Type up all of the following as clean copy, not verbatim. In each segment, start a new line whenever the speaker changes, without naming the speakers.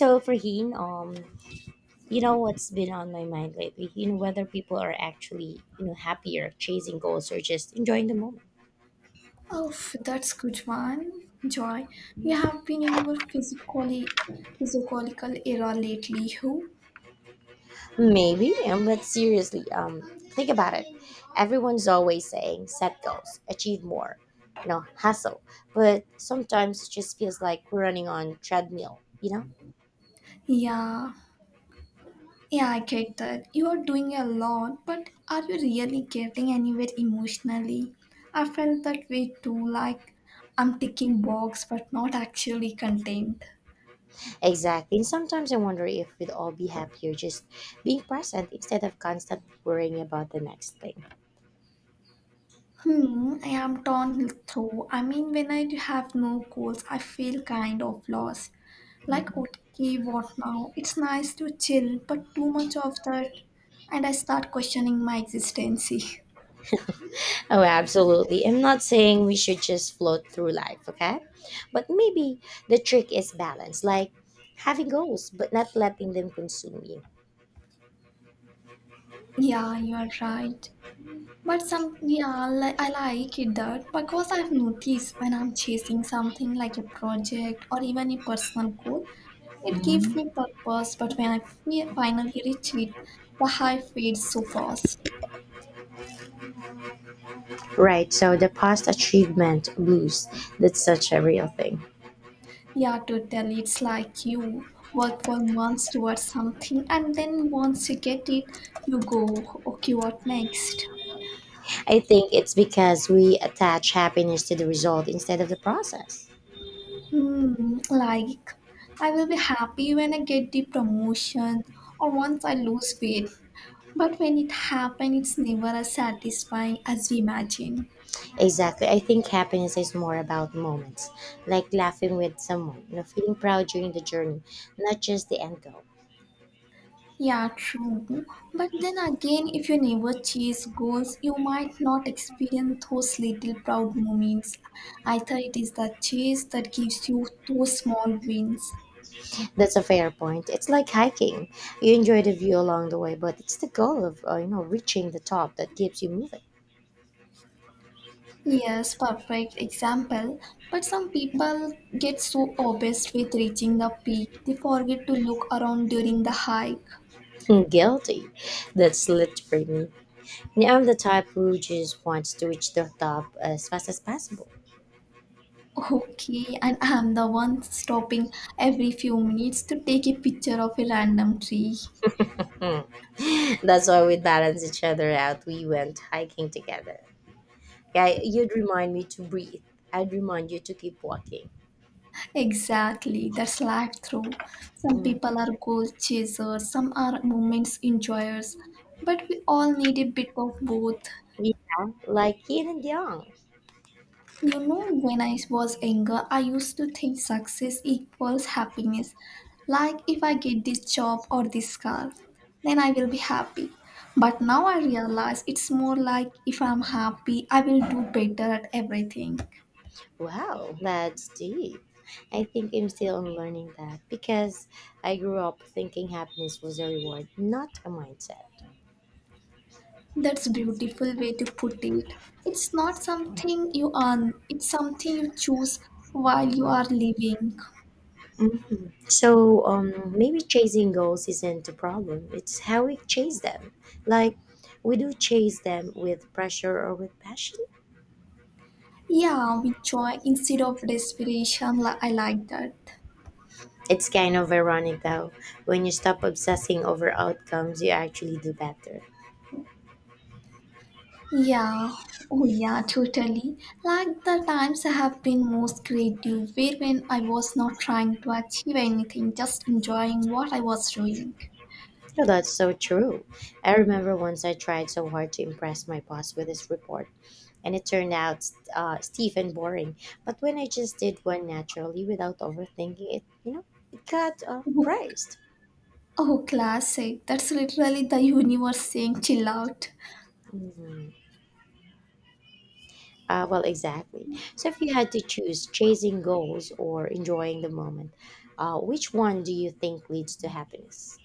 So, Farheen, you know what's been on my mind lately? You know whether people are actually, you know, happier chasing goals or just enjoying the moment.
Oh, that's good one, Joy. You have been in your physically physiological era lately, who?
Maybe, but seriously, think about it. Everyone's always saying set goals, achieve more, you know, hustle. But sometimes it just feels like we're running on treadmill, you know?
Yeah, yeah, I get that. You are doing a lot, but are you really getting anywhere emotionally? I felt that way too, like I'm ticking box but not actually content.
Exactly. And sometimes I wonder if we'd all be happier just being present instead of constantly worrying about the next thing.
Hmm, I am torn though. I mean, when I have no goals, I feel kind of lost. Like, okay, what now? It's nice to chill, but too much of that, and I start questioning my existence.
Oh, absolutely. I'm not saying we should just float through life, okay? But maybe the trick is balance, like having goals, but not letting them consume you.
Yeah, you're right. But yeah, I like it that because I've noticed when I'm chasing something like a project or even a personal goal, it gives me purpose. But when I finally reach it, the high fades so fast.
Right, so the past achievement blues, that's such a real thing.
Yeah, totally. It's like you work for months towards something, and then once you get it, you go, okay, what next?
I think it's because we attach happiness to the result instead of the process.
Hmm, like, I will be happy when I get the promotion or once I lose weight. But when it happens, it's never as satisfying as we imagine.
Exactly. I think happiness is more about moments, like laughing with someone, you know, feeling proud during the journey, not just the end goal.
Yeah, true. But then again, if you never chase goals, you might not experience those little proud moments. I thought it is the chase that gives you those small wins.
That's a fair point. It's like hiking. You enjoy the view along the way, but it's the goal of you know reaching the top that keeps you moving.
Yes, perfect example. But some people get so obsessed with reaching the peak, they forget to look around during the hike.
Guilty. That's literally me. And I'm the type who just wants to reach the top as fast as possible.
Okay, and I'm the one stopping every few minutes to take a picture of a random tree.
Hmm. That's why we balance each other out. We went hiking together. Yeah, you'd remind me to breathe. I'd remind you to keep walking.
Exactly, that's life through. Some
Mm.
people are goal chasers, some are moments enjoyers, but we all need a bit of both.
Yeah, like yin and yang.
You know, when I was younger, I used to think success equals happiness. Like if I get this job or this car, then I will be happy. But now I realize it's more like if I'm happy, I will do better at everything.
Wow, that's deep. I think I'm still unlearning that because I grew up thinking happiness was a reward, not a mindset.
That's beautiful way to put it. It's not something you earn, it's something you choose while you are living.
Mhm. So maybe chasing goals isn't the problem. It's how we chase them. Like we do chase them with pressure or with passion.
Yeah, with joy instead of desperation. I like that.
It's kind of ironic though. When you stop obsessing over outcomes, you actually do better.
Yeah. Oh yeah, totally. Like the times I have been most creative were when I was not trying to achieve anything, just enjoying what I was doing.
No, that's so true. I remember once I tried so hard to impress my boss with this report, and it turned out stiff and boring. But when I just did one naturally without overthinking it, you know, it got
Oh,
praised.
oh, classic. That's literally the universe saying chill out.
Mhm. Well, exactly. So if you had to choose chasing goals or enjoying the moment, which one do you think leads to happiness?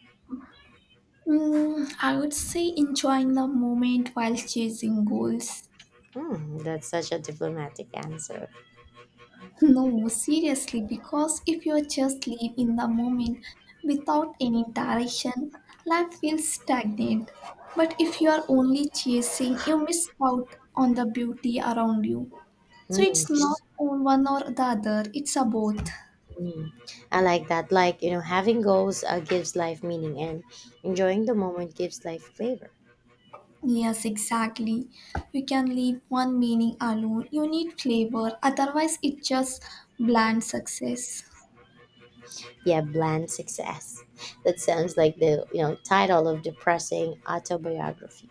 I would say enjoying the moment while chasing goals.
Hmm, that's such a diplomatic answer.
No, seriously, because if you just live in the moment without any direction, life feels stagnant. But if you are only chasing, you miss out on the beauty around you. So
Hmm.
it's not on one or the other, it's a both.
Mm. I like that. Like, you know, having goals gives life meaning and enjoying the moment gives life flavor.
Yes, exactly. You can leave one meaning alone. You need flavor, otherwise, it just bland success.
Yeah, bland success. That sounds like the, you know, title of depressing autobiography.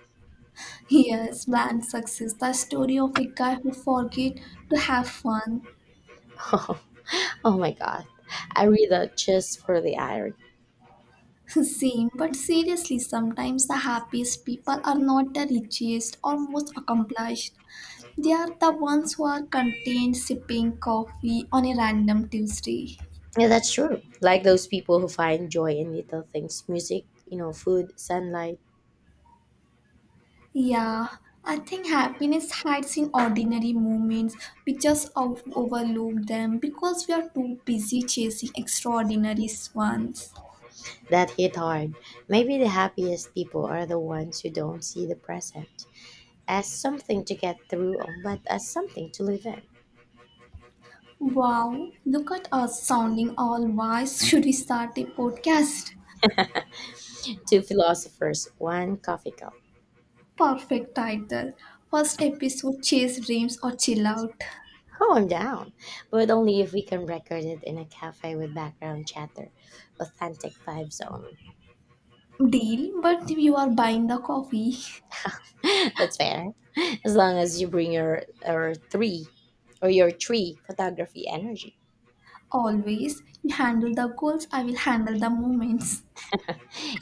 Yes, bland success, the story of a guy who forget to have fun.
Oh my God. I read that just for the irony.
Same, but seriously, sometimes the happiest people are not the richest or most accomplished. They are the ones who are content sipping coffee on a random Tuesday.
Yeah, that's true. Like those people who find joy in little things music, you know, food, sunlight
Yeah, I think happiness hides in ordinary moments. We just overlook them because we are too busy chasing extraordinary ones.
that hit hard. Maybe the happiest people are the ones who don't see the present as something to get through, but as something to live in.
Wow, look at us sounding all wise. Should we start a podcast?
Two philosophers, one coffee cup.
Perfect title. First episode Chase Dreams or Chill Out.
Oh, I'm down. But only if we can record it in a cafe with background chatter. Authentic vibe zone.
Deal, but you are buying the coffee.
That's fair. As long as you bring your or three or your tree photography energy.
Always, you handle the goals, I will handle the moments.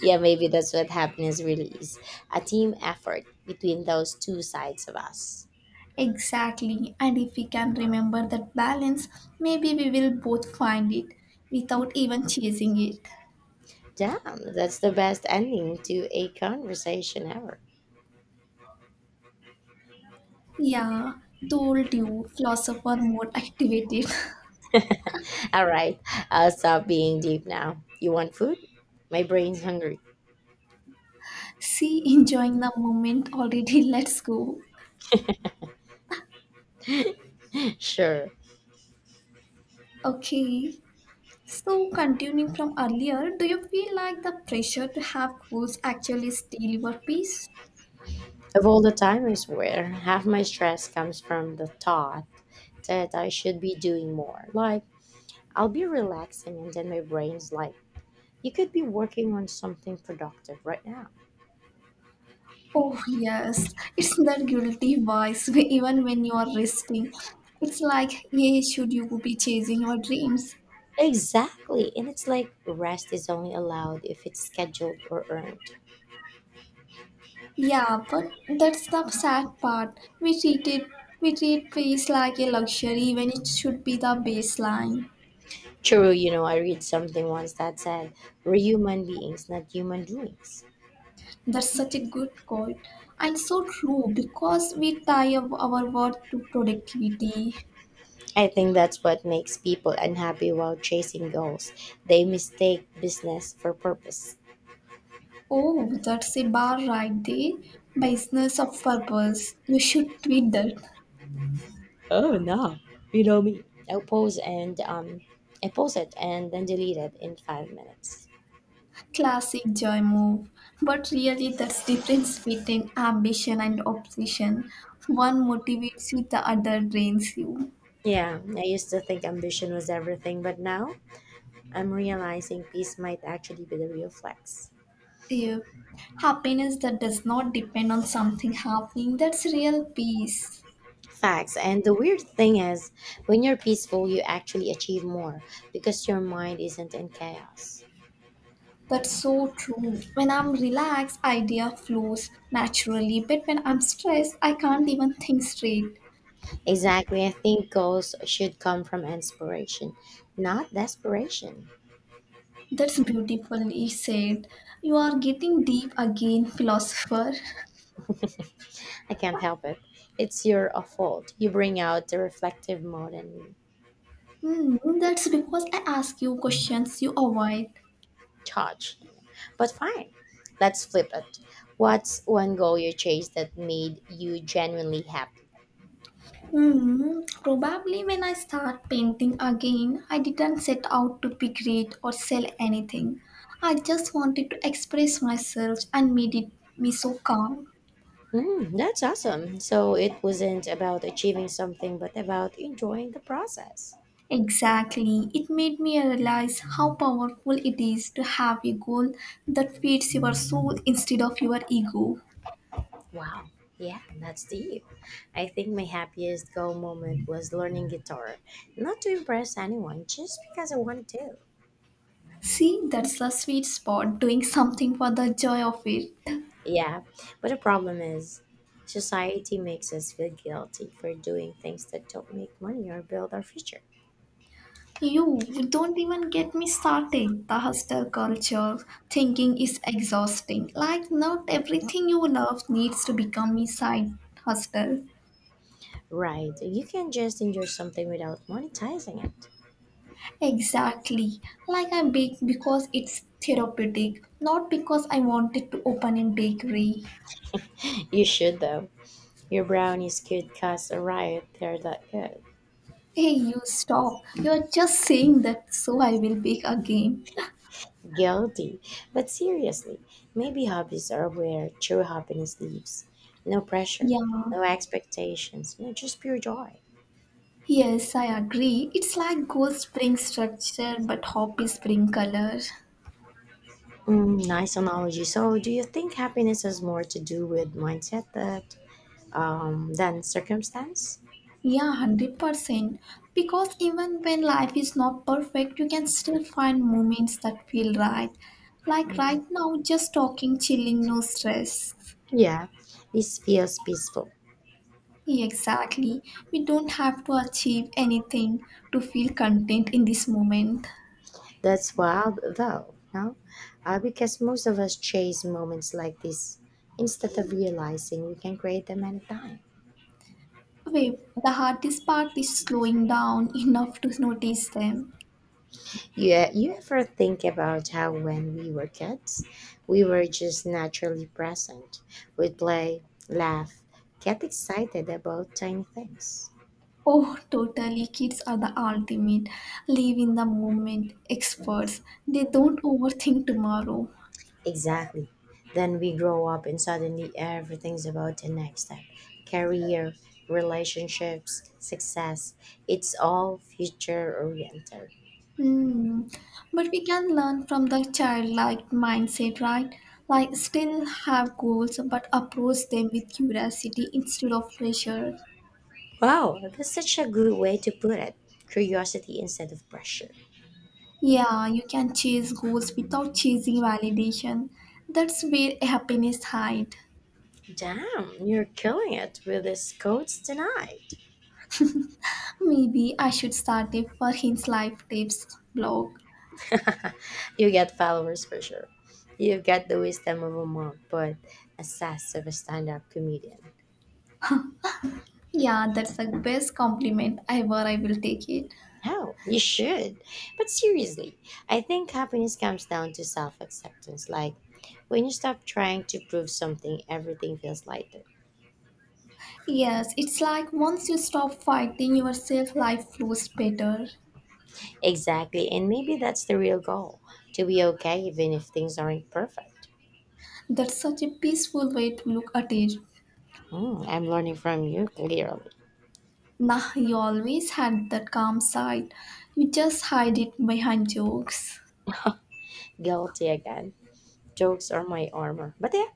Yeah, maybe that's what happiness really is. A team effort between those two sides of us.
Exactly, and if we can remember that balance, maybe we will both find it without even chasing it.
Damn, that's the best ending to a conversation ever.
Yeah, told you, philosopher more activated.
All right, I'll stop being deep now. You want food? My brain's hungry.
See, enjoying the moment already. Let's go.
Sure.
Okay. So, continuing from earlier, do you feel like the pressure to have goals actually steal your peace?
Of all the time, I swear, half my stress comes from the thought that I should be doing more. Like, I'll be relaxing, and then my brain's like, you could be working on something productive right now.
Oh, yes. It's that guilty voice, even when you are resting. It's like, yeah, should you be chasing your dreams?
Exactly. And it's like rest is only allowed if it's scheduled or earned.
Yeah, but that's the sad part. We treat peace like a luxury when it should be the baseline.
True, you know, I read something once that said, we're human beings, not human doings.
That's such a good quote and so true because we tie up our worth to productivity.
I think that's what makes people unhappy while chasing goals. They mistake business for purpose.
Oh, that's a bar right there. Business of purpose. You should tweet that.
Oh no, you know me. I'll post and um, I post it and then delete it in 5 minutes.
Classic joy move. But really, that's difference between ambition and obsession. One motivates you, the other drains you.
Yeah, I used to think ambition was everything, but now I'm realizing peace might actually be the real flex.
Yeah. Happiness that does not depend on something happening, that's real peace.
Facts. And the weird thing is, when you're peaceful, you actually achieve more because your mind isn't in chaos.
That's so true. When I'm relaxed, idea flows naturally, but when I'm stressed, I can't even think straight.
Exactly. I think goals should come from inspiration, not desperation.
That's beautifully said. You are getting deep again, philosopher.
I can't help it. It's your fault. You bring out the reflective mode and
That's because I ask you questions you avoid.
charge. But fine. Let's flip it. What's one goal you chased that made you genuinely happy?
Probably when I start painting again, I didn't set out to be great or sell anything. I just wanted to express myself and made it me so calm.
Mm, that's awesome. So it wasn't about achieving something, but about enjoying the process.
Exactly. It made me realize how powerful it is to have a goal that feeds your soul instead of your ego.
Wow. Yeah, that's deep. I think my happiest goal moment was learning guitar. Not to impress anyone, just because I wanted to.
See, that's the sweet spot, doing something for the joy of it.
Yeah, but the problem is, society makes us feel guilty for doing things that don't make money or build our future.
You don't even get me started. The hostel culture thinking is exhausting. Like, not everything you love needs to become a side hustle.
Right, you can just enjoy something without monetizing it.
Exactly. Like, I bake because it's therapeutic, not because I wanted to open a bakery.
You should, though. Your brownies could cost a riot, they're that good.
Hey, you stop. You're just saying that so I will bake again.
Guilty. But seriously, maybe hobbies are where true happiness lives. No pressure,
Yeah,
no expectations, no, just pure joy.
yes, I agree. It's like gold spring structure but happy spring color.
Mm, nice analogy. So, do you think happiness has more to do with mindset that than circumstance?
Yeah, 100%. Because even when life is not perfect, you can still find moments that feel right. Like right
Mm,
now, just talking, chilling, no stress.
yeah, this feels peaceful.
Yeah, exactly. We don't have to achieve anything to feel content in this moment.
That's wild, though, no? Because most of us chase moments like this instead of realizing we can create them anytime.
Wait, the hardest part is slowing down enough to notice them.
Yeah, you ever think about how when we were kids, we were just naturally present. We'd play, laugh, get excited about tiny things.
Oh, totally. Kids are the ultimate. Live in the moment experts. They don't overthink tomorrow.
Exactly. Then we grow up and suddenly everything's about the next step. Career, relationships, success. It's all future oriented.
Hmm. But we can learn from the childlike mindset, right? Like, still have goals, but approach them with curiosity instead of pressure.
Wow, that's such a good way to put it. Curiosity instead of pressure.
Yeah, you can chase goals without chasing validation. That's where happiness hides.
Damn, you're killing it with this quotes tonight.
Maybe I should start a for his life tips blog.
You get followers for sure. You've got the wisdom of a monk, but a sass of a stand up comedian.
Yeah, that's the best compliment ever. I will take it.
How you should. But seriously, I think happiness comes down to self acceptance. Like, when you stop trying to prove something, everything feels lighter.
Yes, it's like once you stop fighting yourself, life flows better.
Exactly, and maybe that's the real goal to be okay even if things aren't perfect.
That's such a peaceful way to look at it.
Hmm, I'm learning from you clearly.
Nah, you always had that calm side. You just hide it behind jokes.
Guilty again. Jokes are my armor. But yeah,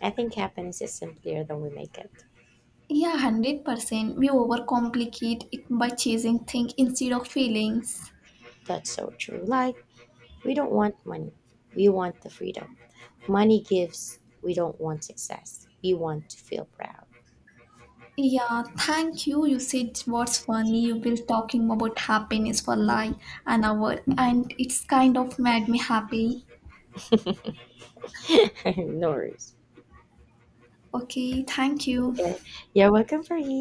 I think happiness is simpler than we make it.
Yeah, 100%. We overcomplicate it by chasing things instead of feelings.
That's so true. Like, we don't want money. We want the freedom. Money gives. We don't want success. We want to feel proud.
Yeah, thank you. You said what's funny. You were talking about happiness for like an hour, and it's kind of made me happy.
No worries.
Okay, thank you.
Okay. You're welcome, Faheen.